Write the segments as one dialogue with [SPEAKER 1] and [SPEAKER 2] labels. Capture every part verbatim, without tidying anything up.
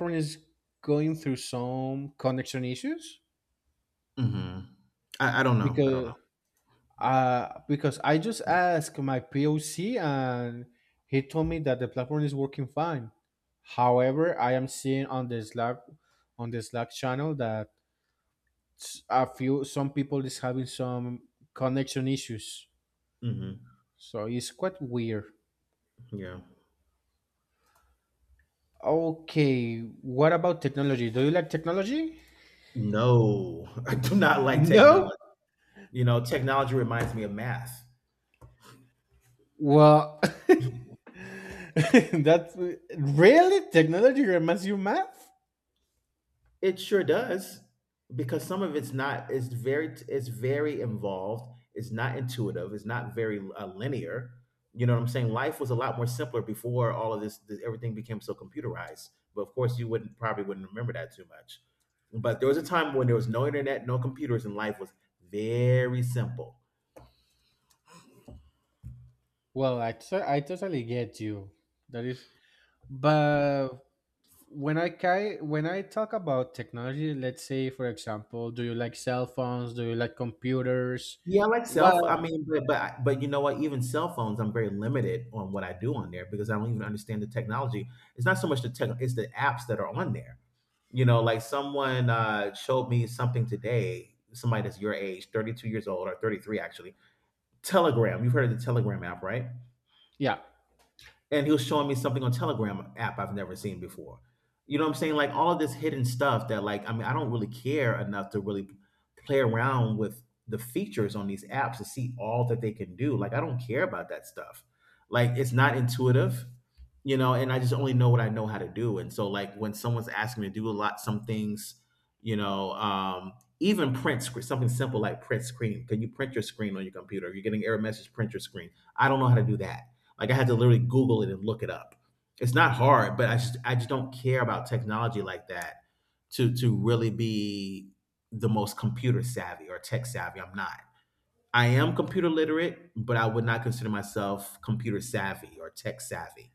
[SPEAKER 1] California is going through some connection issues
[SPEAKER 2] Mhm. I I don't know, I don't
[SPEAKER 1] because
[SPEAKER 2] know.
[SPEAKER 1] uh because I just asked my P O C and he told me that the platform is working fine. However, I am seeing on the Slack on the Slack channel that s- a few some people is having some connection issues.
[SPEAKER 2] Mhm,
[SPEAKER 1] So it's quite weird.
[SPEAKER 2] yeah.
[SPEAKER 1] Okay, what about technology? Do you like technology?
[SPEAKER 2] No, I do not like
[SPEAKER 1] No.
[SPEAKER 2] technology. You know, technology reminds me of math.
[SPEAKER 1] Well, That's really technology reminds you math?
[SPEAKER 2] It sure does, because some of it's not it's very it's very involved, it's not intuitive, it's not very, uh, linear, you know what I'm saying? Life was a lot more simpler before all of this th everything became so computerized, but of course, you wouldn't probably wouldn't remember that too much. But there was a time when there was no internet, no computers, and life was very simple.
[SPEAKER 1] Well, I t- I totally get you. That is, but when I ki- when I talk about technology, let's say for example, do you like cell phones? Do you like computers?
[SPEAKER 2] Yeah, I like
[SPEAKER 1] What?
[SPEAKER 2] self. I mean, but but but you know what? Even cell phones, I'm very limited on what I do on there because I don't even understand the technology. It's not so much the tech; it's the apps that are on there. You know, like someone uh, showed me something today. Somebody that's your age, thirty-two years old or thirty-three actually. Telegram. You've heard of the Telegram app, right?
[SPEAKER 1] Yeah,
[SPEAKER 2] And he was showing me something on Telegram app I've never seen before. You know what I'm saying? Like all of this hidden stuff that, like, I mean, I don't really care enough to really play around with the features on these apps to see all that they can do. Like I don't care about that stuff. Like it's not intuitive, you know, and I just only know what I know how to do. And so like when someone's asking me to do a lot some things, you know, um even print screen, something simple like print screen. Can you print your screen on your computer? You're getting error message, print your screen. I don't know how to do that, like I had to literally Google it and look it up. It's not hard, but I just I just don't care about technology like that to to really be the most computer savvy or tech savvy. I'm not. I am computer literate, but I would not consider myself computer savvy or tech savvy.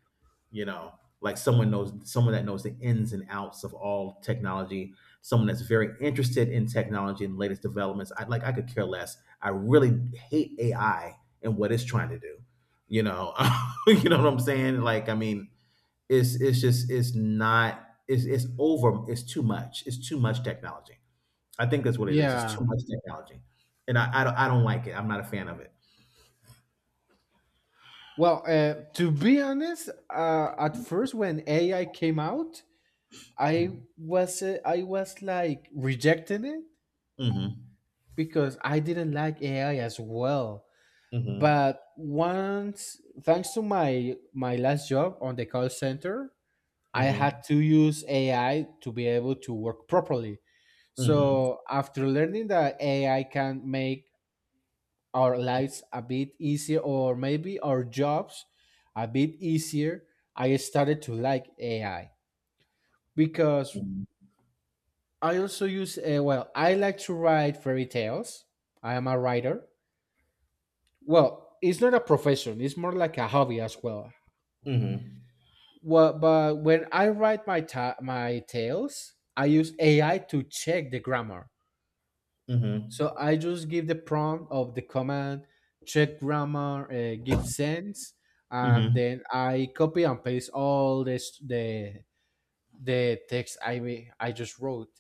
[SPEAKER 2] You know, like someone knows someone that knows the ins and outs of all technology, someone that's very interested in technology and latest developments. I like I could care less. I really hate A I and what it's trying to do. You know, you know what I'm saying? Like, I mean, it's it's just it's not it's it's over. It's too much. It's too much technology. I think that's what it is. It's too
[SPEAKER 1] yeah.
[SPEAKER 2] much technology, and I I don't, I don't like it. I'm not a fan of it.
[SPEAKER 1] Well, uh, to be honest, uh, at first when A I came out, I was uh, I was like rejecting it
[SPEAKER 2] Mm-hmm.
[SPEAKER 1] because I didn't like A I as well.
[SPEAKER 2] Mm-hmm.
[SPEAKER 1] But once, thanks to my my last job on the call center, I
[SPEAKER 2] Mm-hmm.
[SPEAKER 1] had to use AI to be able to work properly.
[SPEAKER 2] Mm-hmm.
[SPEAKER 1] So after learning that AI can make our lives a bit easier, or maybe our jobs a bit easier, I started to like AI because
[SPEAKER 2] Mm-hmm.
[SPEAKER 1] I also use, uh, well, I like to write fairy tales. I am a writer. Well, it's not a profession, it's more like a hobby as well. Well, but when I write my ta- my tails, I use A I to check the grammar. So
[SPEAKER 2] Mm-hmm.
[SPEAKER 1] I just give the prompt of the command, check grammar, uh, give sense, and
[SPEAKER 2] Mm-hmm.
[SPEAKER 1] then I copy and paste all this the the text I wi- I just wrote,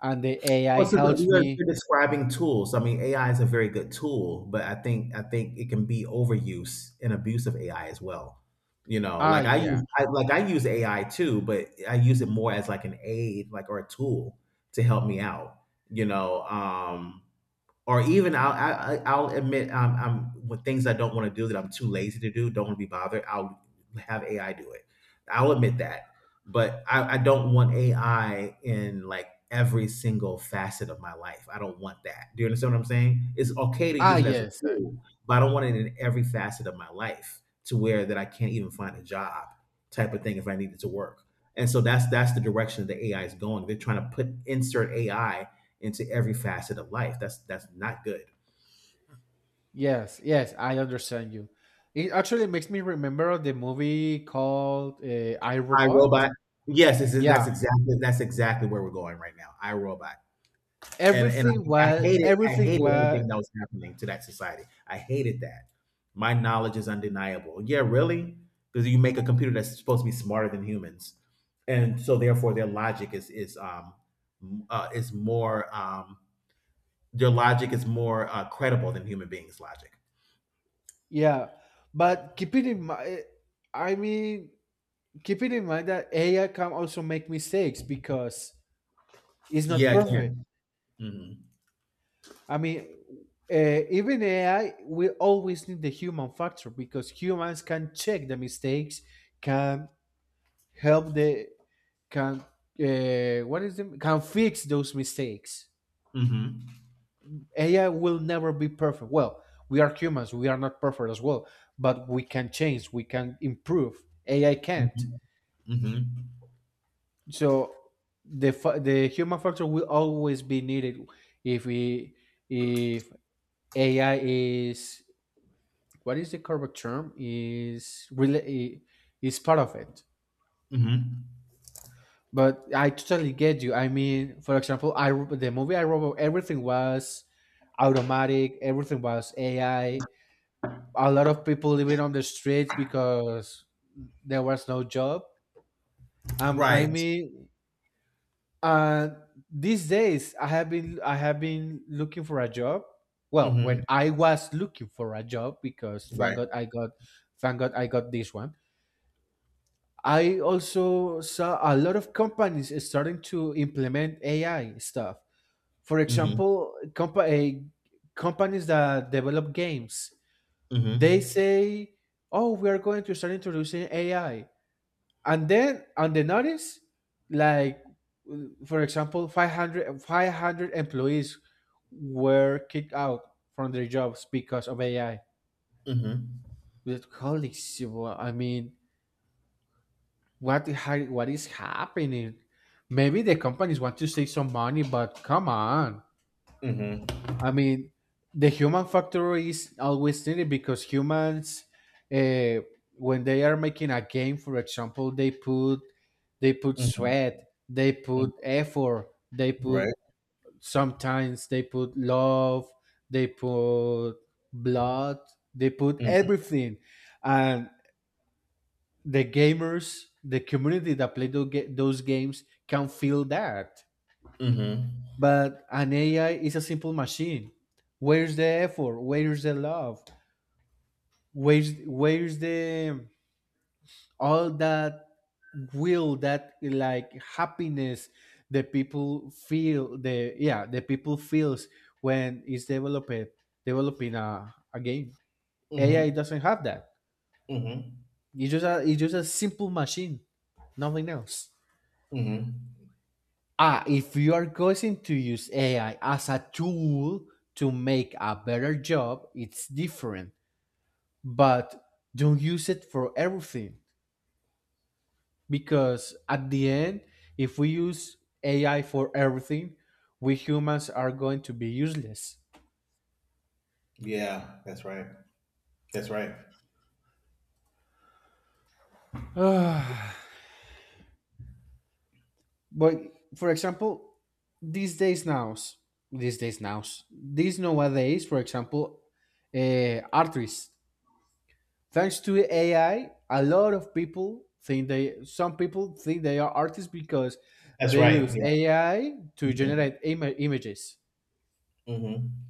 [SPEAKER 1] and the A I
[SPEAKER 2] Well, so the,
[SPEAKER 1] helps
[SPEAKER 2] you're,
[SPEAKER 1] me.
[SPEAKER 2] you're describing tools. I mean, A I is a very good tool, but I think I think it can be overuse and abuse of A I as well. You know,
[SPEAKER 1] Ah,
[SPEAKER 2] like I
[SPEAKER 1] yeah.
[SPEAKER 2] use I, like I use A I too, but I use it more as like an aid, like or a tool to help me out. You know, um, or even I'll I, I- will admit, um, I'm with things I don't want to do that I'm too lazy to do. Don't want to be bothered. I'll have A I do it. I'll admit that, but I, I don't want A I in like every single facet of my life. I don't want that. Do you understand what I'm saying? It's okay to
[SPEAKER 1] Ah,
[SPEAKER 2] use it as a
[SPEAKER 1] yes, uh,
[SPEAKER 2] tool, but I don't want it in every facet of my life to where that I can't even find a job type of thing if I needed to work. And so that's that's the direction the A I is going. They're trying to put insert A I into every facet of life. That's that's not good.
[SPEAKER 1] yes, yes, I understand you. It actually makes me remember the movie called, uh, I
[SPEAKER 2] I
[SPEAKER 1] Robot.
[SPEAKER 2] Robot. Yes, this is, that's
[SPEAKER 1] Yeah,
[SPEAKER 2] exactly that's exactly where we're going right now. I Robot, and and
[SPEAKER 1] everything
[SPEAKER 2] I, I
[SPEAKER 1] well
[SPEAKER 2] hated I
[SPEAKER 1] everything
[SPEAKER 2] hated
[SPEAKER 1] well,
[SPEAKER 2] everything that was happening to that society. I hated that. My knowledge is undeniable. Yeah, really, because you make a computer that's supposed to be smarter than humans, and so therefore their logic is is um uh, is more um their logic is more, uh, credible than human beings' logic.
[SPEAKER 1] yeah, but keep it in mind. I mean, keep it in mind that AI can also make mistakes because it's not
[SPEAKER 2] Yeah, it
[SPEAKER 1] perfect.
[SPEAKER 2] can.
[SPEAKER 1] I mean, uh, even AI, we always need the human factor because humans can check the mistakes, can help the, can, uh, what is it, can fix those mistakes.
[SPEAKER 2] Hmm. Hmm.
[SPEAKER 1] A I will never be perfect. Well, we are humans, we are not perfect as well, but we can change, we can improve. A I can't.
[SPEAKER 2] Hmm. Hmm.
[SPEAKER 1] So the fa- the human factor will always be needed if we, if A I is, what is the correct term, is really is part of it.
[SPEAKER 2] Mhm.
[SPEAKER 1] But I totally get you. I mean, for example, I the movie I wrote, everything was automatic, everything was A I, a lot of people living on the streets because there was no job. Um, I
[SPEAKER 2] Right.
[SPEAKER 1] mean, uh, these days I have been I have been looking for a job. Well, when
[SPEAKER 2] Mhm.
[SPEAKER 1] I was looking for a job, because thank
[SPEAKER 2] Right.
[SPEAKER 1] God I got, thank God I got this one. I also saw a lot of companies starting to implement A I stuff. For
[SPEAKER 2] Mhm.
[SPEAKER 1] example, compa- eh, companies that develop games, they
[SPEAKER 2] Mhm.
[SPEAKER 1] say, "Oh, we are going to start introducing A I." And then on the notice, like, for example, five hundred five hundred employees were kicked out from their jobs because of AI.
[SPEAKER 2] Mhm.
[SPEAKER 1] With- holy shit. Well, I mean, what the, what is happening? Maybe the companies want to save some money, but come on.
[SPEAKER 2] Mhm.
[SPEAKER 1] I mean, the human factor is always needed because humans, uh, when they are making a game, for example, they put they put
[SPEAKER 2] Mhm.
[SPEAKER 1] sweat, they
[SPEAKER 2] Mhm.
[SPEAKER 1] put effort, they put,
[SPEAKER 2] Right.
[SPEAKER 1] sometimes they put love, they put blood, they put
[SPEAKER 2] Mhm.
[SPEAKER 1] everything, and the gamers, the community that play those, ga- those games, can feel that.
[SPEAKER 2] Mhm.
[SPEAKER 1] But an A I is a simple machine. Where's the effort? Where's the love? Where's, where's the, all that will that, like, happiness the people feel? The, yeah, the people feels when it's developed developing a, a game. A I doesn't have that.
[SPEAKER 2] Mhm.
[SPEAKER 1] It's just a, it's just a simple machine, nothing else.
[SPEAKER 2] Mhm.
[SPEAKER 1] Ah, if you are going to use A I as a tool to make a better job, it's different. But don't use it for everything, because at the end, if we use A I for everything, we humans are going to be useless.
[SPEAKER 2] Yeah, that's right. That's right.
[SPEAKER 1] But for example, these days nows, these days nows, these nowadays, for example, uh, artists. Thanks to A I, a lot of people think they, some people think they are artists because
[SPEAKER 2] That's
[SPEAKER 1] they
[SPEAKER 2] right.
[SPEAKER 1] use A I to
[SPEAKER 2] Yeah. Mm-hmm.
[SPEAKER 1] generate ima- images.
[SPEAKER 2] Mm-hmm.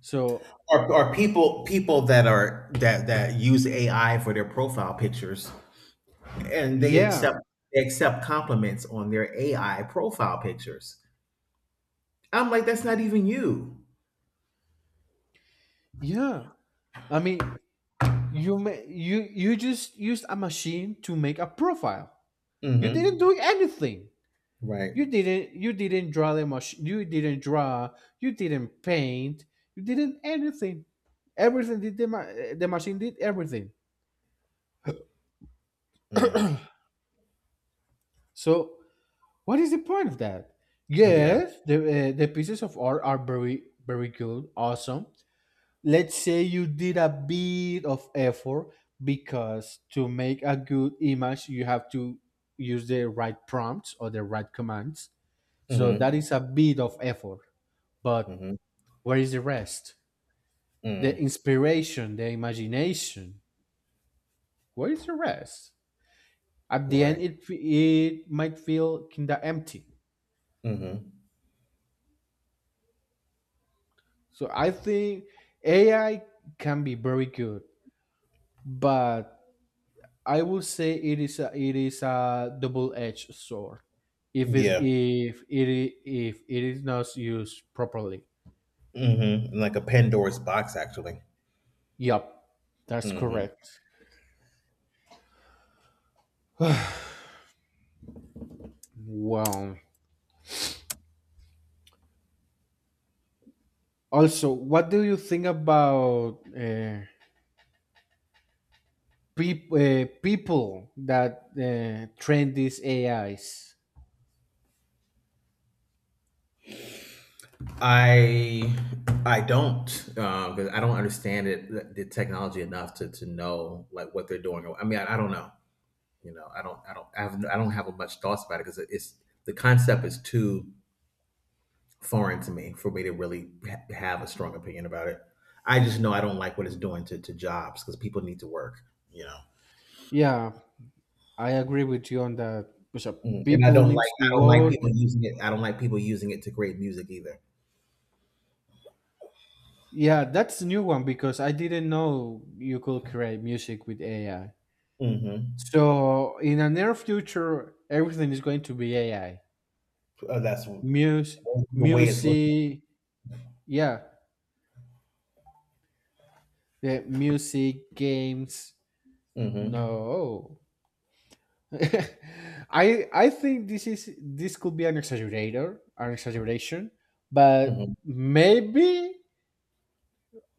[SPEAKER 1] So
[SPEAKER 2] Are, are people people that are that that use A I for their profile pictures, and they
[SPEAKER 1] yeah,
[SPEAKER 2] accept they accept compliments on their A I profile pictures. I'm like, that's not even you.
[SPEAKER 1] yeah. I mean, you ma- you you just used a machine to make a profile. You didn't
[SPEAKER 2] Mm-hmm.
[SPEAKER 1] do anything.
[SPEAKER 2] Right.
[SPEAKER 1] You didn't you didn't draw the machine. You didn't draw. You didn't paint. You didn't anything. Everything did the ma- the machine did everything.
[SPEAKER 2] Mm.
[SPEAKER 1] So what is the point of that?
[SPEAKER 2] Yeah.
[SPEAKER 1] Yes, the, uh, the pieces of art are very, very good, awesome. Let's say you did a bit of effort because to make a good image, you have to use the right prompts or the right commands. So that
[SPEAKER 2] Mm-hmm.
[SPEAKER 1] is a bit of effort. But
[SPEAKER 2] Mhm.
[SPEAKER 1] where is the rest? The
[SPEAKER 2] Mm.
[SPEAKER 1] inspiration, the imagination. Where is the rest? At the end,
[SPEAKER 2] Right.
[SPEAKER 1] it it might feel kinda empty.
[SPEAKER 2] Mhm.
[SPEAKER 1] So I think A I can be very good, but I would say it is a, it is a double-edged sword if it's,
[SPEAKER 2] Yeah.
[SPEAKER 1] if it I- if it is not used properly.
[SPEAKER 2] Mhm. Like a Pandora's box, actually.
[SPEAKER 1] Yep, that's
[SPEAKER 2] Mhm.
[SPEAKER 1] correct. Wow. Also, what do you think about uh, peop- uh, people that, uh, train these A Is?
[SPEAKER 2] I I don't, because I don't understand it the the technology enough to to know, like, what they're doing. I mean, I, I don't know. You know, I don't I don't I, have, no, I don't have much thoughts about it, because it's the concept is too foreign to me for me to really ha- have a strong opinion about it. I just know I don't like what it's doing to, to jobs, because people need to work. You know.
[SPEAKER 1] Yeah, I agree with you on that. Because, uh,
[SPEAKER 2] Mm, and I
[SPEAKER 1] people
[SPEAKER 2] don't like
[SPEAKER 1] need to
[SPEAKER 2] I don't like
[SPEAKER 1] work.
[SPEAKER 2] people using it. I don't like people using it to create music either.
[SPEAKER 1] Yeah, that's the new one because I didn't know you could create music with A I.
[SPEAKER 2] Mhm.
[SPEAKER 1] So in a near future, everything is going to be A I.
[SPEAKER 2] Uh, that's w-
[SPEAKER 1] Music,
[SPEAKER 2] the way it's looking.
[SPEAKER 1] music, yeah, the music, games.
[SPEAKER 2] Mhm.
[SPEAKER 1] No, I I think this is this could be an exaggerator, an exaggeration, but
[SPEAKER 2] Mhm.
[SPEAKER 1] maybe,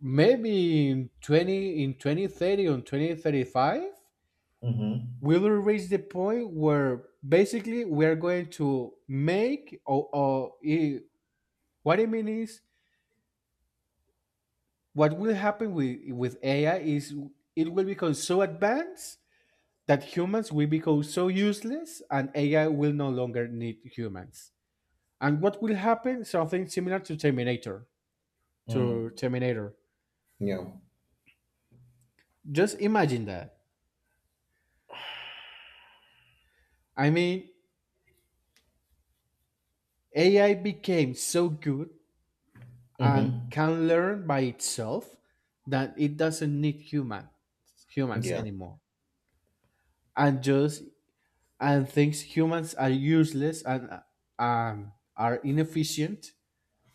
[SPEAKER 1] maybe in twenty in twenty thirty on twenty thirty-five.
[SPEAKER 2] Mhm.
[SPEAKER 1] We'll reach the point where basically we're going to make, or, or i- what I mean is what will happen with with A I is it will become so advanced that humans will become so useless, and A I will no longer need humans. And what will happen? Something similar to Terminator. To
[SPEAKER 2] Mm.
[SPEAKER 1] Terminator.
[SPEAKER 2] Yeah.
[SPEAKER 1] Just imagine that. I mean, A I became so good and
[SPEAKER 2] Mhm.
[SPEAKER 1] can learn by itself that it doesn't need human humans
[SPEAKER 2] Yeah.
[SPEAKER 1] anymore, and just, and thinks humans are useless and, uh, um, are inefficient,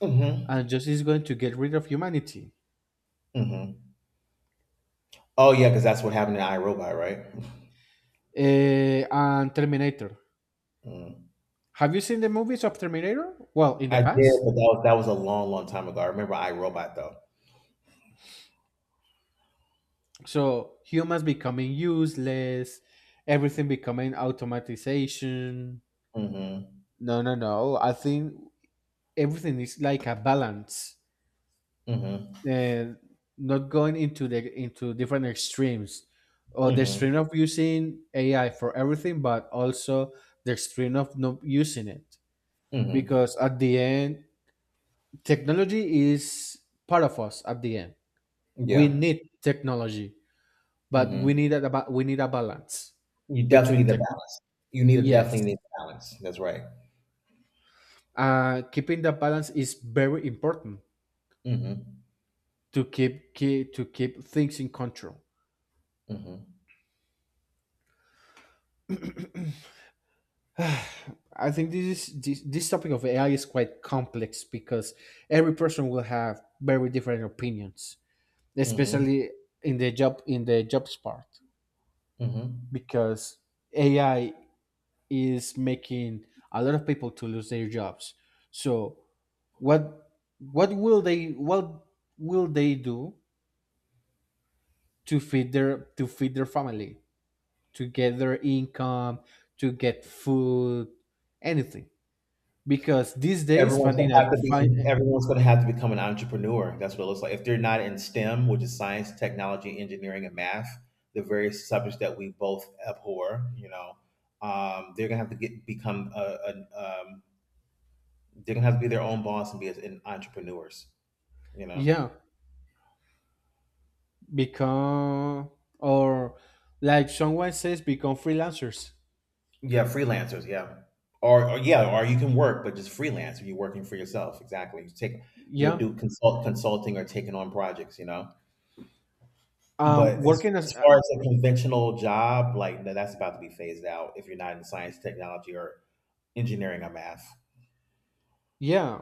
[SPEAKER 2] Mhm.
[SPEAKER 1] and just is going to get rid of humanity.
[SPEAKER 2] Mhm. Oh yeah, because that's what happened in iRobot, right?
[SPEAKER 1] Eh, and Terminator,
[SPEAKER 2] Mm.
[SPEAKER 1] have you seen the movies of Terminator? Well, in the
[SPEAKER 2] I did,
[SPEAKER 1] past,
[SPEAKER 2] but that was that was a long, long time ago. I remember iRobot though.
[SPEAKER 1] so humans becoming useless, everything becoming automatization.
[SPEAKER 2] Mhm.
[SPEAKER 1] No, no, no, I think everything is like a balance.
[SPEAKER 2] Mhm.
[SPEAKER 1] uh, Not going into the into different extremes, or the
[SPEAKER 2] Mhm.
[SPEAKER 1] extreme of using A I for everything, but also the extreme of not using it.
[SPEAKER 2] Mhm.
[SPEAKER 1] Because at the end, technology is part of us. At the end, we
[SPEAKER 2] Yeah.
[SPEAKER 1] need technology, but we
[SPEAKER 2] Mhm.
[SPEAKER 1] need a ba- we need a balance
[SPEAKER 2] You definitely
[SPEAKER 1] between
[SPEAKER 2] need a
[SPEAKER 1] tech.
[SPEAKER 2] balance. You need a
[SPEAKER 1] Yes,
[SPEAKER 2] Definitely need a balance. That's right.
[SPEAKER 1] uh, keeping the balance is very important
[SPEAKER 2] Mhm.
[SPEAKER 1] to keep, keep to keep things in control.
[SPEAKER 2] Mhm.
[SPEAKER 1] I think this is this, this topic of A I is quite complex because every person will have very different opinions,
[SPEAKER 2] Mhm,
[SPEAKER 1] especially in the job in the jobs part,
[SPEAKER 2] mhm.
[SPEAKER 1] because A I is making a lot of people to lose their jobs. So what, what will they what will they do to feed their to feed their family, to get their income, to get food, anything? Because these days,
[SPEAKER 2] Everyone's gonna
[SPEAKER 1] finding a
[SPEAKER 2] have to be
[SPEAKER 1] find,
[SPEAKER 2] Everyone's gonna have to become an entrepreneur. That's what it looks like. If they're not in STEM, which is science, technology, engineering, and math, the various subjects that we both abhor, you know, um, they're gonna have to get become a, a, um, they're gonna have to be their own boss and be as in entrepreneurs, you know.
[SPEAKER 1] yeah, become, or like someone says, become freelancers.
[SPEAKER 2] Yeah, freelancers. Yeah, or, or yeah, or you can work, but just freelance. You're working for yourself. Exactly. You take, you know,
[SPEAKER 1] Yeah,
[SPEAKER 2] do consult consulting or taking on projects. You know. But
[SPEAKER 1] um,
[SPEAKER 2] as
[SPEAKER 1] working as,
[SPEAKER 2] as
[SPEAKER 1] uh,
[SPEAKER 2] far as a conventional job, like, no, that's about to be phased out if you're not in science, technology, or engineering or math.
[SPEAKER 1] yeah.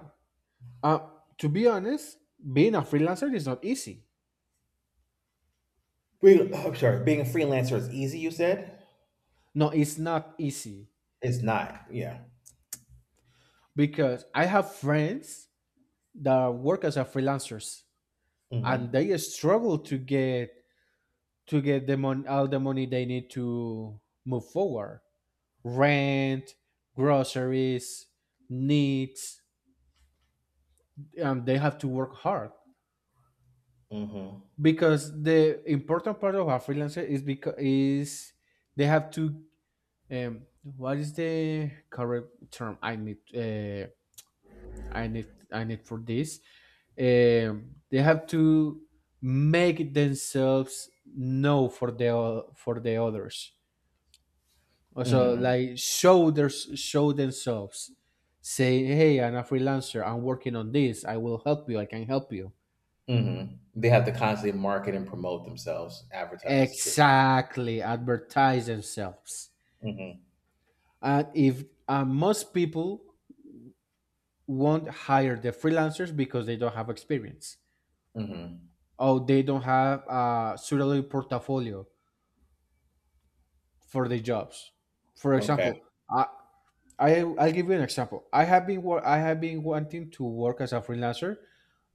[SPEAKER 1] Uh, to be honest, being a freelancer is not easy.
[SPEAKER 2] Being, I'm sorry, being a freelancer is easy, you said?
[SPEAKER 1] No, it's not easy
[SPEAKER 2] It's not. Yeah.
[SPEAKER 1] because I have friends that work as a freelancers, and
[SPEAKER 2] Mm-hmm.
[SPEAKER 1] they struggle to get, to get the mon- all the money they need to move forward. Rent, groceries, needs. Um, they have to work hard
[SPEAKER 2] Mm-hmm.
[SPEAKER 1] because the important part of a freelancer is because is they have to, um what is the correct term I need, uh, i need I need for this, um they have to make themselves know for the o- for the others, also,
[SPEAKER 2] Mm-hmm.
[SPEAKER 1] like, show their show themselves, say, "Hey, I'm a freelancer, I'm working on this, I will help you, I can help you."
[SPEAKER 2] Mm-hmm. They have to constantly market and promote themselves, advertise.
[SPEAKER 1] Exactly, advertise themselves.
[SPEAKER 2] Mm-hmm.
[SPEAKER 1] And if, uh, most people won't hire the freelancers because they don't have experience,
[SPEAKER 2] Mm-hmm.
[SPEAKER 1] or they don't have a suitable portfolio for the jobs. For
[SPEAKER 2] Okay.
[SPEAKER 1] example, i I, I'll give you an example. I have been wor- I have been wanting to work as a freelancer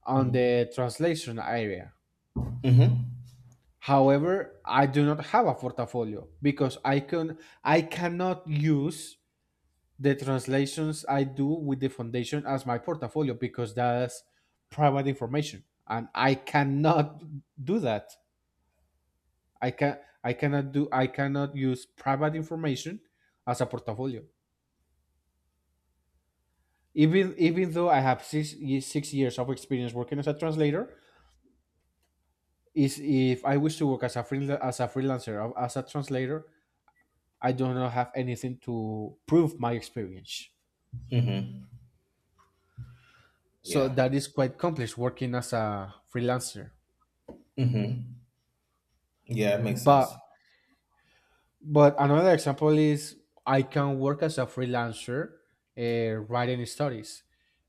[SPEAKER 1] on
[SPEAKER 2] Mm-hmm.
[SPEAKER 1] the translation area.
[SPEAKER 2] Mm-hmm.
[SPEAKER 1] However, I do not have a portfolio because I can I cannot use the translations I do with the foundation as my portfolio because that's private information and I cannot do that. I can I cannot do, I cannot use private information as a portfolio. Even, even though I have six six years of experience working as a translator, is if I wish to work as a freelancer as a freelancer as a translator, I do not have anything to prove my experience.
[SPEAKER 2] Mm-hmm.
[SPEAKER 1] So
[SPEAKER 2] Yeah.
[SPEAKER 1] that is quite complex working as a freelancer.
[SPEAKER 2] Mm-hmm. Yeah, it makes
[SPEAKER 1] But
[SPEAKER 2] sense.
[SPEAKER 1] But another example is I can work as a freelancer uh, writing stories.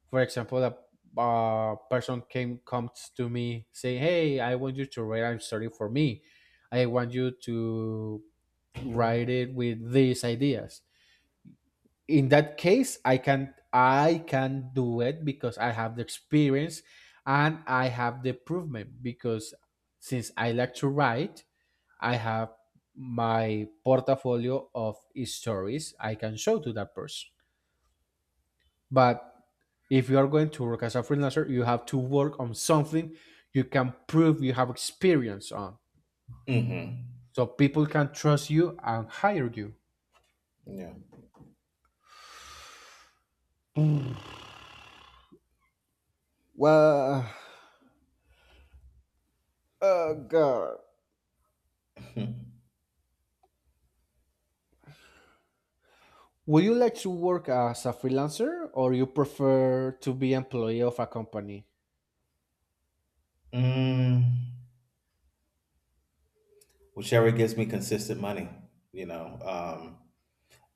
[SPEAKER 1] For example, a, a person came comes to me saying, "Hey, I want you to write a story for me. I want you to write it with these ideas." In that case, I can I can do it because I have the experience and I have the improvement because since I like to write I have my portfolio of stories I can show to that person. But if you are going to work as a freelancer, you have to work on something you can prove you have experience on.
[SPEAKER 2] Mm-hmm.
[SPEAKER 1] So people can trust you and hire you.
[SPEAKER 2] Yeah.
[SPEAKER 1] Would you like to work as a freelancer or you prefer to be employee of a company?
[SPEAKER 2] mm Whichever gives me consistent money, you know, um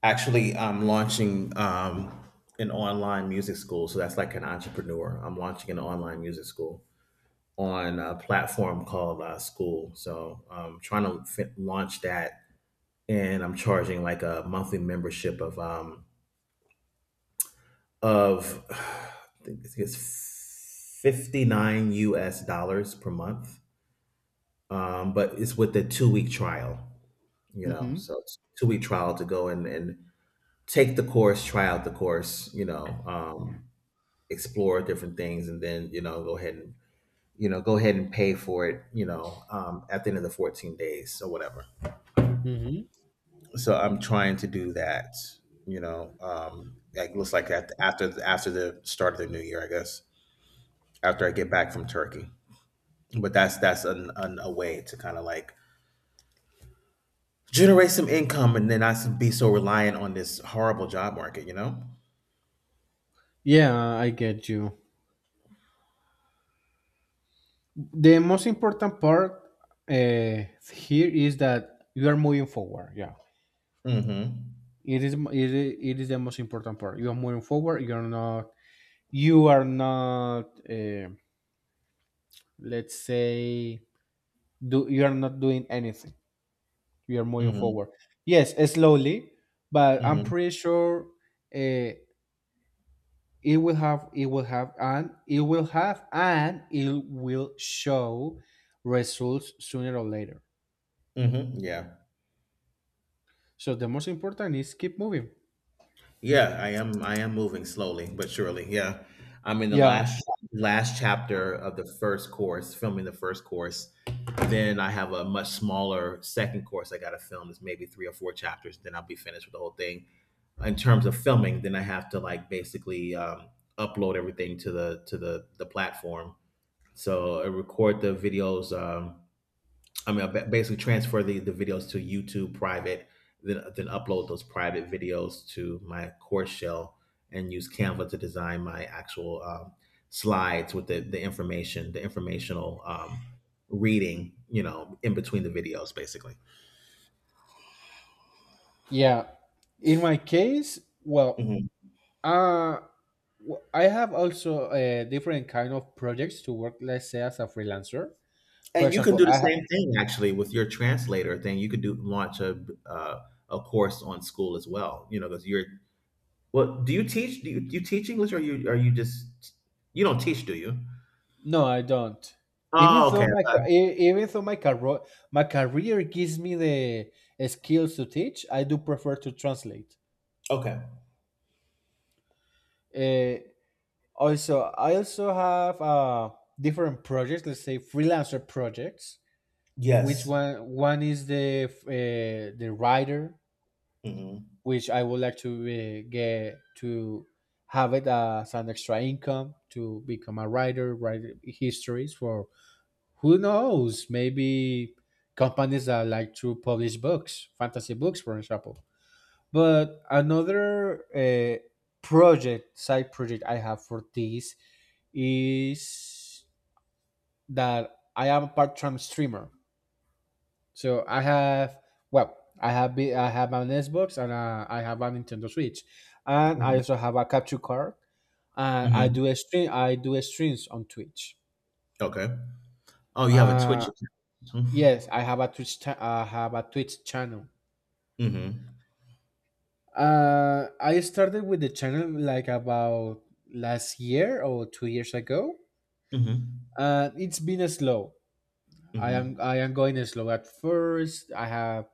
[SPEAKER 2] actually, I'm launching, um an online music school, so that's like an entrepreneur. I'm launching an online music school on a platform called, uh, school, so I'm trying to fi- launch that, and I'm charging like a monthly membership of um of I think it's fifty-nine U S dollars per month, um but it's with the two week trial, you know,
[SPEAKER 1] hmm
[SPEAKER 2] so it's a two week trial to go and and take the course, try out the course, you know, um, explore different things, and then, you know, go ahead and, you know, go ahead and pay for it, you know, um, at the end of the fourteen days or whatever.
[SPEAKER 1] hmm
[SPEAKER 2] So I'm trying to do that, you know, um, like, looks like, at, after after the start of the new year, I guess, after I get back from Turkey. But that's that's an, an, a way to kind of like generate some income and then not s- be so reliant on this horrible job market, you know.
[SPEAKER 1] Yeah, I get you. The most important part uh, here is that you are moving forward. Yeah.
[SPEAKER 2] Mm-hmm.
[SPEAKER 1] It is it, is- it is the most important part. You are moving forward. You're not you are not uh, let's say do you are not doing anything. You are moving
[SPEAKER 2] Mm-hmm.
[SPEAKER 1] forward. Yes, slowly, but I'm
[SPEAKER 2] Mm-hmm.
[SPEAKER 1] pretty sure uh, it will have it will have and it will have and it will show results sooner or later.
[SPEAKER 2] Mm-hmm. Yeah.
[SPEAKER 1] So the most important is keep moving.
[SPEAKER 2] Yeah, I am. I am moving slowly but surely. Yeah, I'm in the
[SPEAKER 1] Yeah.
[SPEAKER 2] last last chapter of the first course, filming the first course. Then I have a much smaller second course I got to film. It's maybe three or four chapters. Then I'll be finished with the whole thing. In terms of filming, then I have to like basically, um, upload everything to the to the the platform. So I record the videos. Um, I mean, I ba- basically transfer the, the videos to YouTube private, then then upload those private videos to my course shell and use Canva to design my actual, um, slides with the, the information, the informational, um, reading, you know, in between the videos, basically.
[SPEAKER 1] Yeah. In my case, well,
[SPEAKER 2] Mhm.
[SPEAKER 1] Uh, w- I have also uh, different kind of projects to work. Let's say as a freelancer, for
[SPEAKER 2] And you can
[SPEAKER 1] example,
[SPEAKER 2] do the
[SPEAKER 1] I ha-
[SPEAKER 2] same thing actually with your translator thing. You could do launch a, uh, a course on school as well. You know, because you're well. do you teach? Do you, do you teach English, or you are you just, you don't teach? Do you?
[SPEAKER 1] no, I don't. Even
[SPEAKER 2] Oh, okay.
[SPEAKER 1] though my
[SPEAKER 2] I
[SPEAKER 1] ca- e- even though my career my career gives me the uh, skills to teach, I do prefer to translate.
[SPEAKER 2] Okay.
[SPEAKER 1] Uh, also, I also have uh, different projects. Let's say freelancer projects. Which
[SPEAKER 2] Yes.
[SPEAKER 1] one? One is the f- uh, the writer,
[SPEAKER 2] Hmm.
[SPEAKER 1] which I would like to uh, get to have it as an extra income to become a writer, write histories for who knows, maybe companies that like to publish books, fantasy books, for example. But another uh, project, side project I have for this is that I am a part time streamer. So I have well, I have be, I have an Xbox and uh, I have a Nintendo Switch, and I
[SPEAKER 2] Hmm.
[SPEAKER 1] also have a capture card. And I
[SPEAKER 2] Hmm.
[SPEAKER 1] do a stream. I do a streams on Twitch.
[SPEAKER 2] Okay. Oh, you have a Twitch
[SPEAKER 1] Uh,
[SPEAKER 2] account.
[SPEAKER 1] yes, I have a Twitch. Cha- I have a Twitch channel.
[SPEAKER 2] Hmm.
[SPEAKER 1] Uh, I started with the channel like about last year or two years ago.
[SPEAKER 2] Hmm.
[SPEAKER 1] Uh, it's been slow. I am
[SPEAKER 2] Hmm.
[SPEAKER 1] I am going slow at first. I have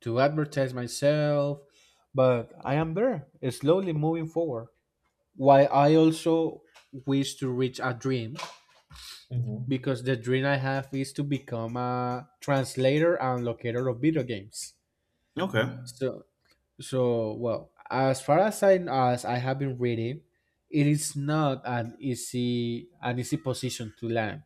[SPEAKER 1] to advertise myself, but I am there, slowly moving forward. Why I also wish to reach a dream
[SPEAKER 2] Hmm.
[SPEAKER 1] because the dream I have is to become a translator and locator of video games.
[SPEAKER 2] Okay.
[SPEAKER 1] So so well, as far as I as I have been reading, it is not an easy an easy position to land.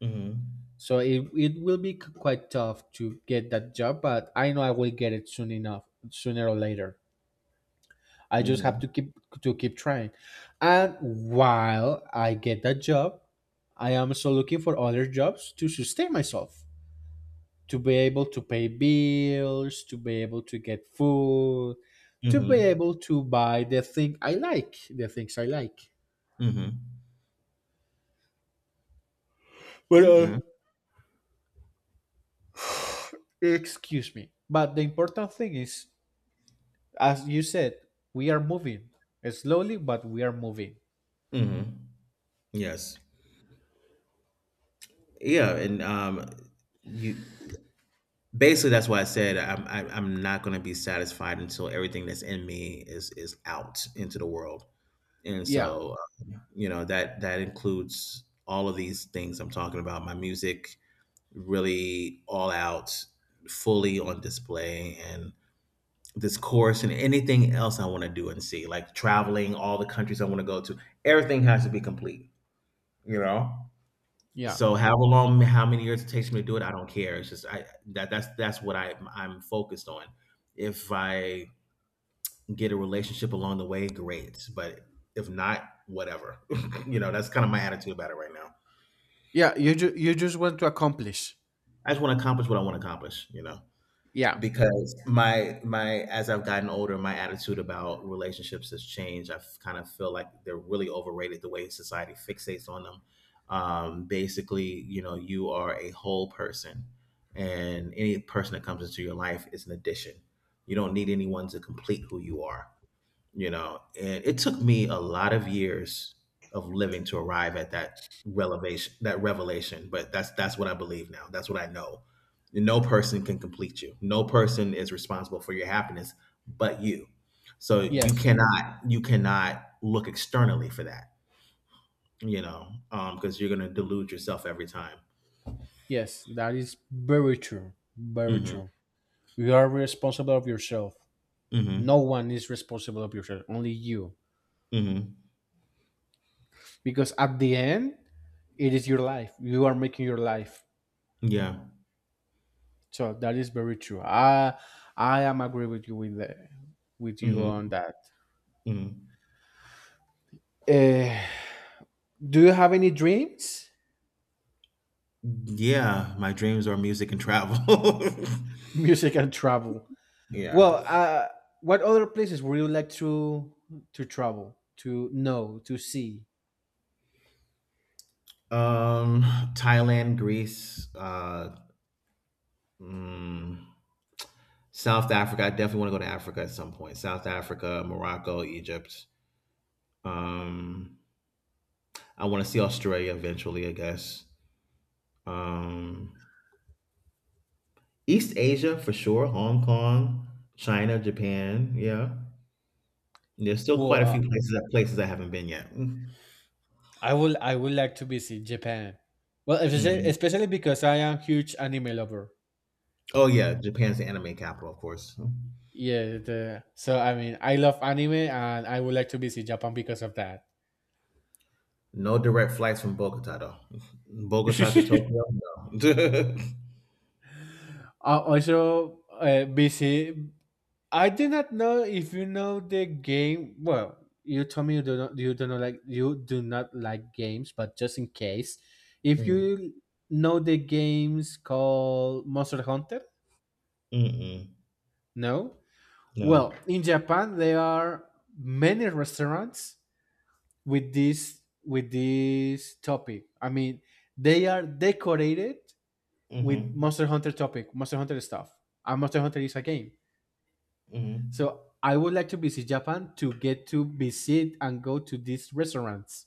[SPEAKER 2] Hmm.
[SPEAKER 1] So it, it will be c- quite tough to get that job, but I know I will get it soon enough, sooner or later. I just have
[SPEAKER 2] Hmm.
[SPEAKER 1] to keep to keep trying. And while I get that job, I am also looking for other jobs to sustain myself, to be able to pay bills, to be able to get food,
[SPEAKER 2] Hmm.
[SPEAKER 1] to
[SPEAKER 2] Hmm.
[SPEAKER 1] be able to buy the thing I like, the things I like. But uh,
[SPEAKER 2] Okay.
[SPEAKER 1] excuse me. But the important thing is, as you said, we are moving slowly, but we are moving.
[SPEAKER 2] Hmm. Yes. Yeah, and um, you basically that's why I said I'm I, I'm not going to be satisfied until everything that's in me is is out into the world, and
[SPEAKER 1] Yeah,
[SPEAKER 2] so uh, you know that that includes all of these things I'm talking about, my music, really all out, fully on display. And this course and anything else I want to do and see, like traveling, all the countries I want to go to, everything has to be complete, you know?
[SPEAKER 1] yeah,
[SPEAKER 2] So how long, how many years it takes me to do it, I don't care. It's just I that that's that's what I I'm focused on. If I get a relationship along the way, great. But if not, whatever. you know, that's kind of my attitude about it right now.
[SPEAKER 1] yeah. You ju- you just want to accomplish.
[SPEAKER 2] I just want to accomplish what I want to accomplish. You know.
[SPEAKER 1] Yeah.
[SPEAKER 2] Because my my as I've gotten older, my attitude about relationships has changed. I kind of feel like they're really overrated the way society fixates on them. Um, basically, you know, you are a whole person, and any person that comes into your life is an addition. You don't need anyone to complete who you are you know and it took me a lot of years of living to arrive at that revelation that revelation. But that's that's what I believe now, that's what I know. No person can complete you, no person is responsible for your happiness but you. So you
[SPEAKER 1] Yes.
[SPEAKER 2] cannot you cannot look externally for that. You know um because you're gonna delude yourself every time.
[SPEAKER 1] Yes, that is very true. Very
[SPEAKER 2] Hmm.
[SPEAKER 1] true. You are responsible of yourself. No
[SPEAKER 2] Hmm.
[SPEAKER 1] one is responsible of yourself, only you.
[SPEAKER 2] Hmm.
[SPEAKER 1] Because at the end, it is your life. You are making your life.
[SPEAKER 2] Yeah.
[SPEAKER 1] So that is very true. I I am agree with you with the, with you on
[SPEAKER 2] Hmm.
[SPEAKER 1] that.
[SPEAKER 2] Hmm.
[SPEAKER 1] Uh, do you have any dreams?
[SPEAKER 2] Yeah, my dreams are music and travel.
[SPEAKER 1] Music and travel.
[SPEAKER 2] Yeah.
[SPEAKER 1] Well, uh, what other places would you like to to travel, to know, to see?
[SPEAKER 2] Um, Thailand, Greece, uh, mm, South Africa. I definitely want to go to Africa at some point. South Africa, Morocco, Egypt. Um, I want to see Australia eventually, I guess. Um, East Asia for sure. Hong Kong, China, Japan. Yeah, there's still
[SPEAKER 1] Well,
[SPEAKER 2] quite a
[SPEAKER 1] uh,
[SPEAKER 2] few places places I haven't been yet. Hmm.
[SPEAKER 1] I will. I would like to visit Japan. Well, especially especially because I am huge anime lover.
[SPEAKER 2] Oh yeah, Japan's the anime capital, of course.
[SPEAKER 1] Yeah, the, so I mean, I love anime, and I would like to visit Japan because of that.
[SPEAKER 2] No direct flights from Bogota though. Bogota to Tokyo. No.
[SPEAKER 1] Uh, also, uh, visit. I do not know if you know the game. Well, you told me you do not you do not like you do not like games, but just in case, if
[SPEAKER 2] Mm.
[SPEAKER 1] you know the games called Monster Hunter,
[SPEAKER 2] Mm-mm.
[SPEAKER 1] no. Well,
[SPEAKER 2] No.
[SPEAKER 1] in Japan there are many restaurants with this with this topic. I mean, they are decorated with
[SPEAKER 2] Mm-hmm.
[SPEAKER 1] Monster Hunter topic, Monster Hunter stuff. And Monster Hunter is a game. So
[SPEAKER 2] Mm-hmm.
[SPEAKER 1] I would like to visit Japan to get to visit and go to these restaurants.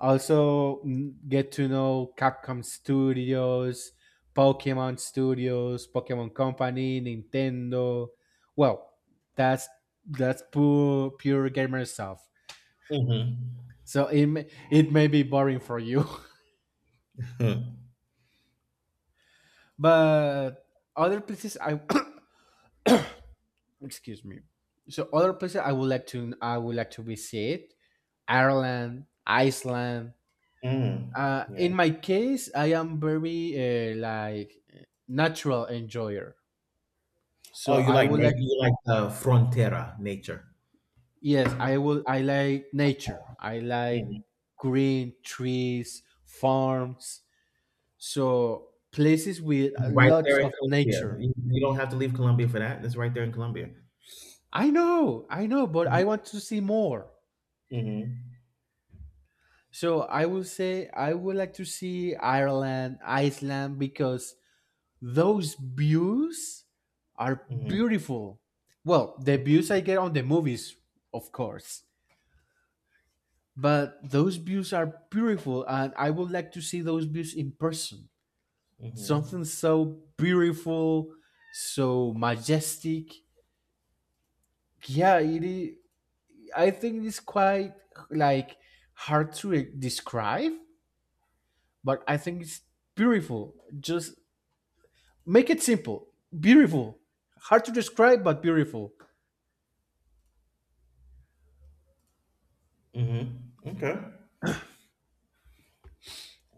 [SPEAKER 1] Also mm, get to know Capcom Studios, Pokemon Studios, Pokemon Company, Nintendo. Well, that's that's pure pure gamer stuff.
[SPEAKER 2] Mm-hmm.
[SPEAKER 1] So it may, it may be boring for you, but other places I excuse me. So other places I would like to I would like to visit Ireland, Iceland.
[SPEAKER 2] Mm.
[SPEAKER 1] Uh,
[SPEAKER 2] Yeah.
[SPEAKER 1] in my case, I am very uh, like natural enjoyer.
[SPEAKER 2] Oh,
[SPEAKER 1] So
[SPEAKER 2] you
[SPEAKER 1] I
[SPEAKER 2] like na-
[SPEAKER 1] would like
[SPEAKER 2] you like uh, frontera nature.
[SPEAKER 1] yes, I will I like nature. I like
[SPEAKER 2] Hmm.
[SPEAKER 1] green trees, farms, so places with
[SPEAKER 2] It's right
[SPEAKER 1] lots
[SPEAKER 2] there in
[SPEAKER 1] of
[SPEAKER 2] Colombia.
[SPEAKER 1] nature.
[SPEAKER 2] You, you don't have to leave Colombia for that. It's right there in Colombia.
[SPEAKER 1] I know, I know, but I
[SPEAKER 2] Mm-hmm.
[SPEAKER 1] want to see more.
[SPEAKER 2] Mm-hmm.
[SPEAKER 1] So I will say I would like to see Ireland, Iceland because those views are beautiful. Well, the views I get on the movies, of course, but those views are beautiful, and I would like to see those views in person.
[SPEAKER 2] Mm-hmm.
[SPEAKER 1] Something so beautiful, so majestic. Yeah, it is, I think it's quite like hard to e- describe, but I think it's beautiful. Just make it simple, beautiful. Hard to describe, but beautiful.
[SPEAKER 2] Mm-hmm. Okay.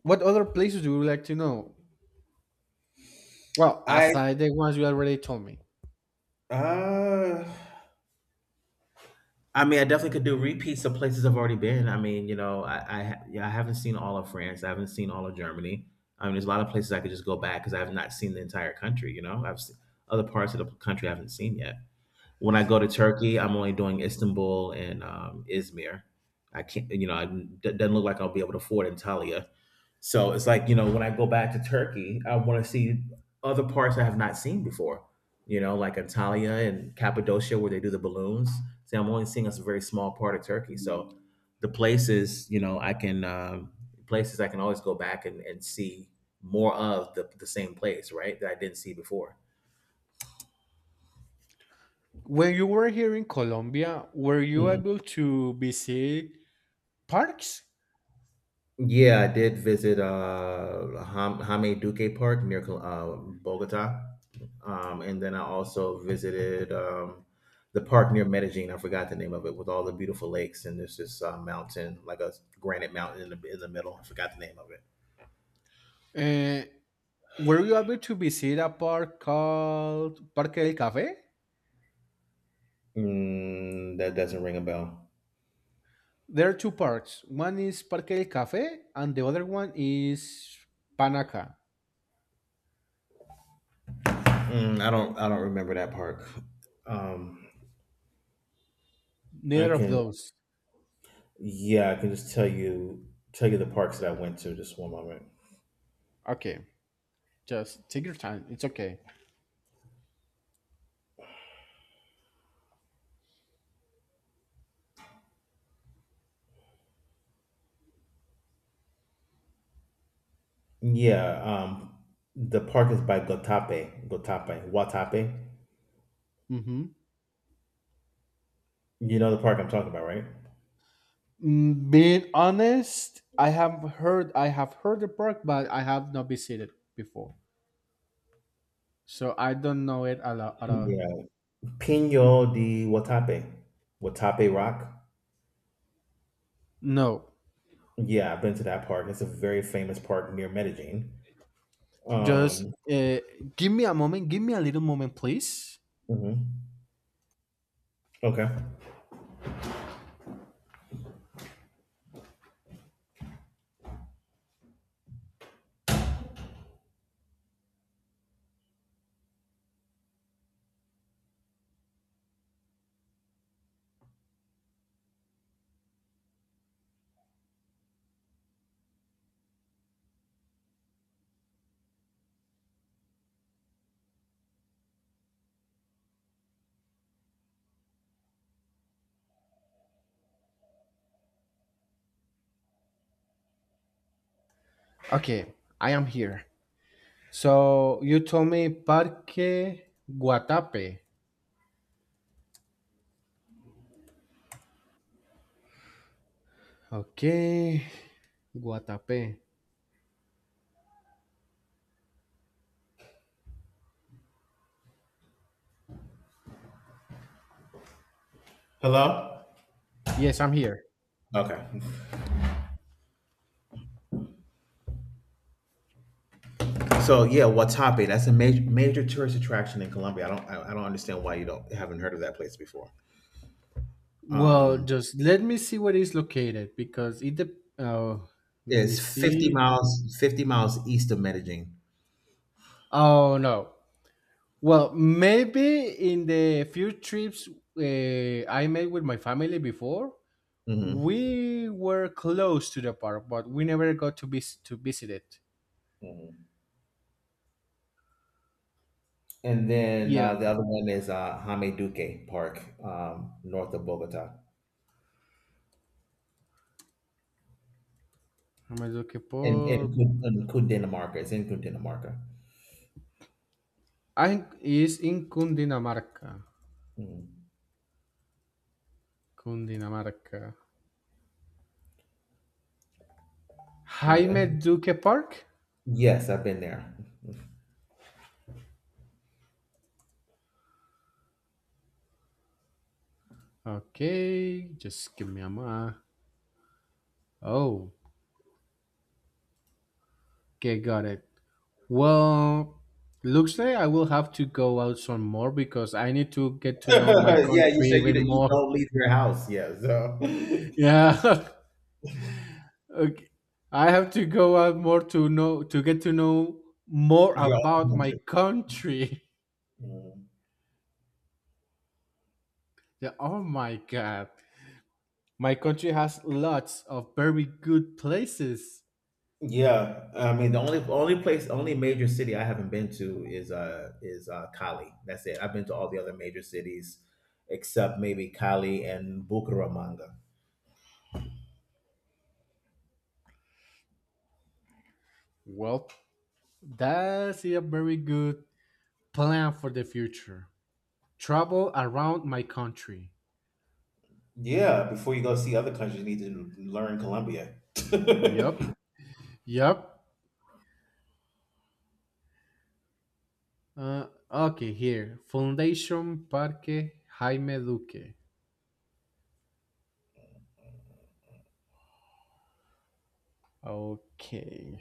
[SPEAKER 1] What other places do you like to know? Well,
[SPEAKER 2] I
[SPEAKER 1] aside the ones you already told me.
[SPEAKER 2] uh I mean, I definitely could do repeats of places I've already been. I mean, you know, I I, ha- yeah, I haven't seen all of France. I haven't seen all of Germany. I mean, there's a lot of places I could just go back because I have not seen the entire country. You know, I've seen other parts of the country I haven't seen yet. When I go to Turkey, I'm only doing Istanbul and um, Izmir. I can't, you know, I, it doesn't look like I'll be able to afford Antalya. So it's like, you know, when I go back to Turkey, I want to see other parts I have not seen before, you know, like Antalya and Cappadocia where they do the balloons. See, I'm only seeing a very small part of Turkey. So the places, you know, I can, um, places I can always go back and, and see more of the, the same place, right? That I didn't see before.
[SPEAKER 1] When you were here in Colombia, were you
[SPEAKER 2] Mhm.
[SPEAKER 1] able to visit parks?
[SPEAKER 2] Yeah, I did visit uh Ham- Jaime Duque Park near Col- uh, Bogota. Um, and then I also visited um, the park near Medellin. I forgot the name of it with all the beautiful lakes and there's this uh, mountain, like a granite mountain in the in the middle. I forgot the name of it.
[SPEAKER 1] Uh, were you able to visit a park called Parque del Café?
[SPEAKER 2] Mm, that doesn't ring a bell.
[SPEAKER 1] There are two parks. One is Parque del Café and the other one is Panaca.
[SPEAKER 2] Mm, I don't I don't remember that park. Um, I
[SPEAKER 1] Neither of
[SPEAKER 2] can
[SPEAKER 1] those.
[SPEAKER 2] yeah, I can just tell you tell you the parks that I went to. Just one moment.
[SPEAKER 1] Okay, just take your time. It's okay.
[SPEAKER 2] Yeah, um, the park is by Gotape, Gotape, Watape.
[SPEAKER 1] hmm
[SPEAKER 2] You know the park I'm talking about, right?
[SPEAKER 1] Mm, being honest, I have heard I have heard the park, but I have not visited before, so I don't know it a lot. At all.
[SPEAKER 2] Yeah, Pino de Watape, Watape Rock.
[SPEAKER 1] No,
[SPEAKER 2] Yeah, I've been to that park. It's a very famous park near Medellin.
[SPEAKER 1] just
[SPEAKER 2] Um,
[SPEAKER 1] uh, give me a moment. Give me a little moment, please.
[SPEAKER 2] mhm. Okay.
[SPEAKER 1] Okay, I am here. So you told me Parque Guatape. Okay, Guatape.
[SPEAKER 2] Hello.
[SPEAKER 1] Yes, I'm here.
[SPEAKER 2] Okay. So yeah, Watape. That's a major major tourist attraction in Colombia. I don't I, I don't understand why you don't haven't heard of that place before.
[SPEAKER 1] Well,
[SPEAKER 2] Um,
[SPEAKER 1] just let me see where it's located because it. De- oh, let me
[SPEAKER 2] it's 50
[SPEAKER 1] see.
[SPEAKER 2] miles fifty miles east of Medellin.
[SPEAKER 1] Oh no. Well, maybe in the few trips uh, I made with my family before,
[SPEAKER 2] Hmm.
[SPEAKER 1] we were close to the park, but we never got to vis- to visit it.
[SPEAKER 2] Hmm. And then
[SPEAKER 1] Yeah,
[SPEAKER 2] uh, the other one is uh, Jaime Duque Park, um, north of Bogota,
[SPEAKER 1] me lo que
[SPEAKER 2] in
[SPEAKER 1] por
[SPEAKER 2] in, Cu- in Cundinamarca. It's in Cundinamarca.
[SPEAKER 1] I is in Cundinamarca.
[SPEAKER 2] Mm.
[SPEAKER 1] Cundinamarca. Jaime
[SPEAKER 2] Yes,
[SPEAKER 1] Duque Park.
[SPEAKER 2] yes, I've been there.
[SPEAKER 1] Okay, just give me a moment. Oh, okay, got it. Well, looks like I will have to go out some more because I need to get to know my
[SPEAKER 2] Yeah, you
[SPEAKER 1] country
[SPEAKER 2] said you
[SPEAKER 1] even
[SPEAKER 2] don't- you
[SPEAKER 1] more.
[SPEAKER 2] don't leave your house. Yeah, so
[SPEAKER 1] Yeah. Okay. I have to go out more to know to get to know more
[SPEAKER 2] you're all
[SPEAKER 1] about my
[SPEAKER 2] country.
[SPEAKER 1] country.
[SPEAKER 2] Mm.
[SPEAKER 1] Yeah, oh my god. My country has lots of very good places.
[SPEAKER 2] Yeah, I mean the only only place, only major city I haven't been to is uh is uh Cali. That's it. I've been to all the other major cities except maybe Cali and Bucaramanga.
[SPEAKER 1] Well, that's a very good plan for the future. Travel around my country.
[SPEAKER 2] Yeah, before you go see other countries, you need to learn Colombia.
[SPEAKER 1] Yup. Yep. Uh, okay, here. Foundation Parque Jaime Duque. Okay,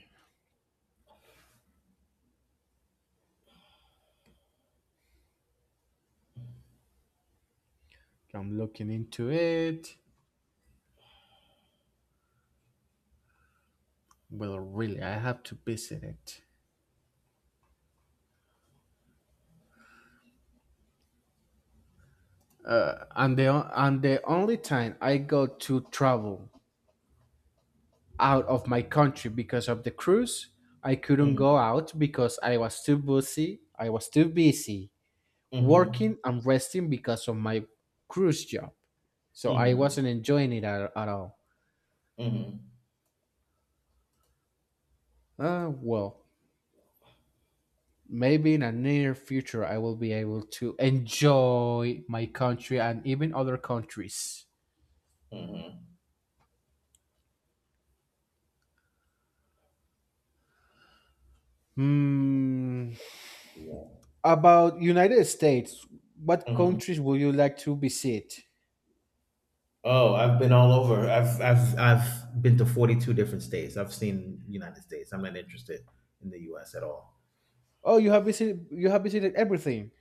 [SPEAKER 1] I'm looking into it. Well, really, I have to visit it. Uh, and the o- and the only time I go to travel out of my country because of the cruise, I couldn't
[SPEAKER 2] Hmm.
[SPEAKER 1] go out because I was too busy. I was too busy
[SPEAKER 2] Hmm.
[SPEAKER 1] working and resting because of my cruise job. So I
[SPEAKER 2] Hmm.
[SPEAKER 1] wasn't enjoying it at, at all.
[SPEAKER 2] Hmm.
[SPEAKER 1] Uh, well, maybe in a near future, I will be able to enjoy my country and even other countries.
[SPEAKER 2] Hmm.
[SPEAKER 1] Hmm.
[SPEAKER 2] Yeah.
[SPEAKER 1] About United States, what
[SPEAKER 2] Hmm.
[SPEAKER 1] countries would you like to visit?
[SPEAKER 2] Oh, I've been all over. I've I've I've been to forty-two different states. I've seen United States. I'm not interested in the U S at all.
[SPEAKER 1] Oh, you have visited. You have visited everything.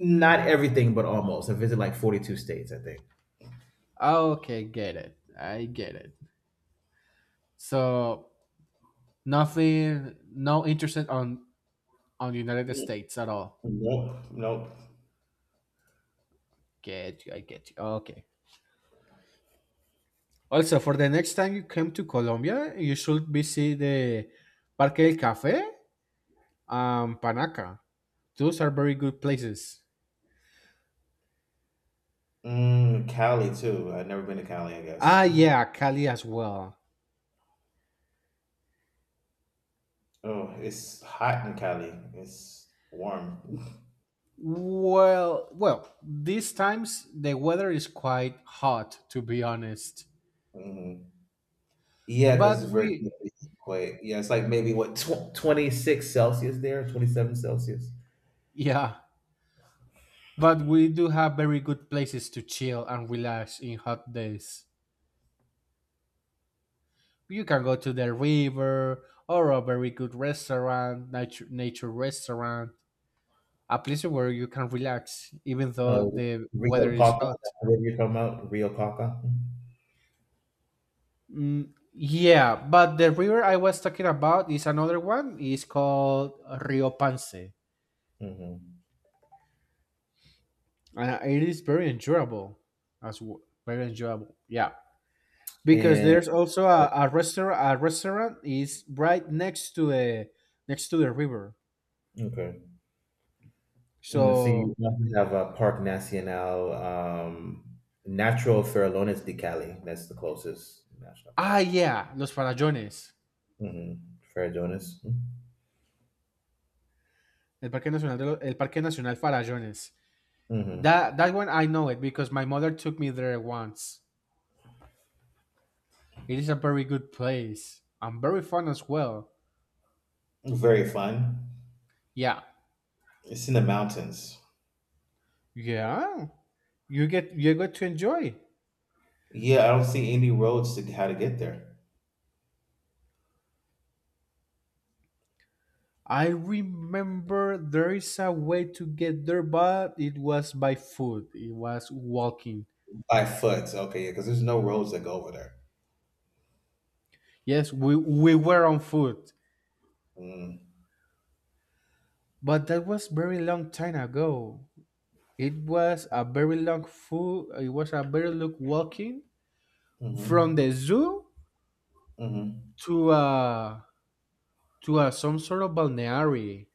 [SPEAKER 2] Not everything, but almost. I visited like forty-two states, I think.
[SPEAKER 1] Okay, get it. I get it. So nothing, no interest on on United States at all.
[SPEAKER 2] Nope, nope.
[SPEAKER 1] Get you. I get you. Okay. Also, for the next time you come to Colombia, you should visit the Parque del Café, um, Panaca. Those are very good places.
[SPEAKER 2] Mm, Cali too. I've never been to Cali, I
[SPEAKER 1] Ah,
[SPEAKER 2] guess.
[SPEAKER 1] yeah, Cali as well.
[SPEAKER 2] Oh, it's hot in Cali. It's warm.
[SPEAKER 1] Well, well, these times the weather is quite hot, to be honest.
[SPEAKER 2] Yeah, cause
[SPEAKER 1] But
[SPEAKER 2] it's very
[SPEAKER 1] we,
[SPEAKER 2] quite yeah, it's like maybe what tw twenty-six Celsius there, twenty-seven Celsius.
[SPEAKER 1] yeah, but we do have very good places to chill and relax in hot days. You can go to the river or a very good restaurant, nature, nature restaurant, a place where you can relax even though
[SPEAKER 2] Oh,
[SPEAKER 1] the
[SPEAKER 2] Rio
[SPEAKER 1] weather is
[SPEAKER 2] Caca,
[SPEAKER 1] hot.
[SPEAKER 2] that's the river you're talking about, Rio Caca?
[SPEAKER 1] Mm, yeah, but the river I was talking about is another one. It's called Rio Pance, and
[SPEAKER 2] Mhm.
[SPEAKER 1] it is very enjoyable, as w- very enjoyable. Yeah, because
[SPEAKER 2] And
[SPEAKER 1] there's also
[SPEAKER 2] uh,
[SPEAKER 1] a, a restaurant. A restaurant is right next to the next to the river.
[SPEAKER 2] okay. And let's see, you
[SPEAKER 1] So
[SPEAKER 2] also have, uh, Parque Nacional, um, Natural Farallones de Cali, that's the closest national
[SPEAKER 1] ah
[SPEAKER 2] park.
[SPEAKER 1] yeah, Los Farallones,
[SPEAKER 2] Mhm, Farallones.
[SPEAKER 1] el Parque Nacional de lo- el Parque Nacional Farallones.
[SPEAKER 2] Mhm.
[SPEAKER 1] That that one I know it because my mother took me there once. It is a very good place and very fun as well.
[SPEAKER 2] Very fun.
[SPEAKER 1] Yeah.
[SPEAKER 2] It's in the mountains.
[SPEAKER 1] Yeah, you get you got to enjoy.
[SPEAKER 2] Yeah, I don't see any roads to how to get there.
[SPEAKER 1] I remember there is a way to get there, but it was by foot. It was walking.
[SPEAKER 2] By foot, okay, yeah, because there's no roads that go over there.
[SPEAKER 1] Yes, we we were on foot,
[SPEAKER 2] Mm,
[SPEAKER 1] but that was very long time ago. It was a very long foot. It was a very long walking
[SPEAKER 2] mm-hmm,
[SPEAKER 1] from the zoo
[SPEAKER 2] mm-hmm,
[SPEAKER 1] to uh to uh, some sort of balneary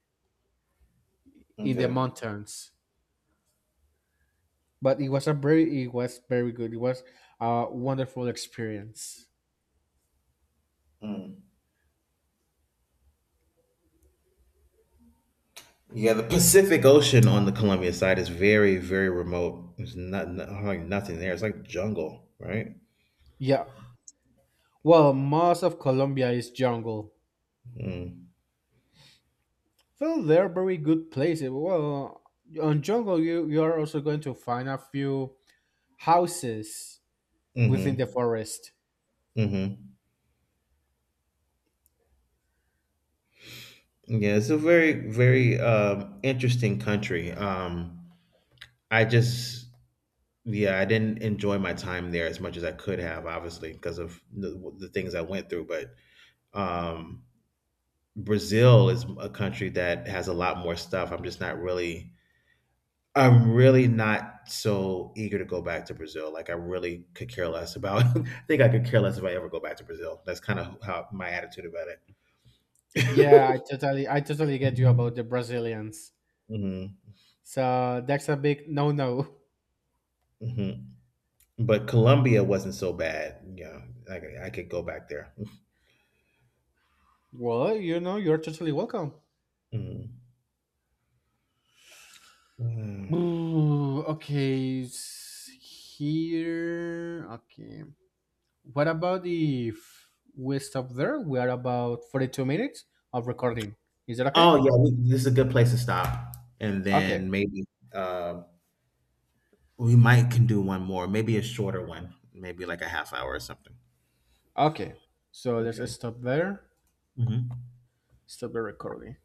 [SPEAKER 1] in the
[SPEAKER 2] okay.
[SPEAKER 1] mountains. But it was a very it was very good. It was a wonderful experience.
[SPEAKER 2] Mm. Yeah, the Pacific Ocean on the Columbia side is very, very remote. There's not, not like nothing there. It's like jungle, right?
[SPEAKER 1] Yeah. Well, most of Colombia is jungle.
[SPEAKER 2] Mm,
[SPEAKER 1] Well, they're very good places. Well, on jungle, you you are also going to find a few houses within the
[SPEAKER 2] mm-hmm,
[SPEAKER 1] forest.
[SPEAKER 2] mm-hmm. Yeah, it's a very, very um, interesting country. Um, I just, yeah, I didn't enjoy my time there as much as I could have, obviously, because of the, the things I went through. But um, Brazil is a country that has a lot more stuff. I'm just not really I'm really not so eager to go back to Brazil. Like I really could care less about. I think I could care less if I ever go back to Brazil. That's kind of how my attitude about
[SPEAKER 1] Yeah,
[SPEAKER 2] it.
[SPEAKER 1] I totally I totally get you about the Brazilians.
[SPEAKER 2] Hmm.
[SPEAKER 1] So that's a big no no.
[SPEAKER 2] Hmm. But Colombia wasn't so bad. Yeah, I could, I could go back there.
[SPEAKER 1] Well, you know, you're totally welcome.
[SPEAKER 2] Mhm. Mm.
[SPEAKER 1] Ooh, okay, s- here. Okay. What about if we stop there? We are about forty-two minutes of recording. Is that okay?
[SPEAKER 2] Oh yeah, we, this is a good place to stop, and
[SPEAKER 1] Okay,
[SPEAKER 2] then maybe uh, We might can do one more, maybe a shorter one, maybe like a half hour or something.
[SPEAKER 1] okay. So let's
[SPEAKER 2] Okay.
[SPEAKER 1] stop there.
[SPEAKER 2] Hmm.
[SPEAKER 1] Stop the recording.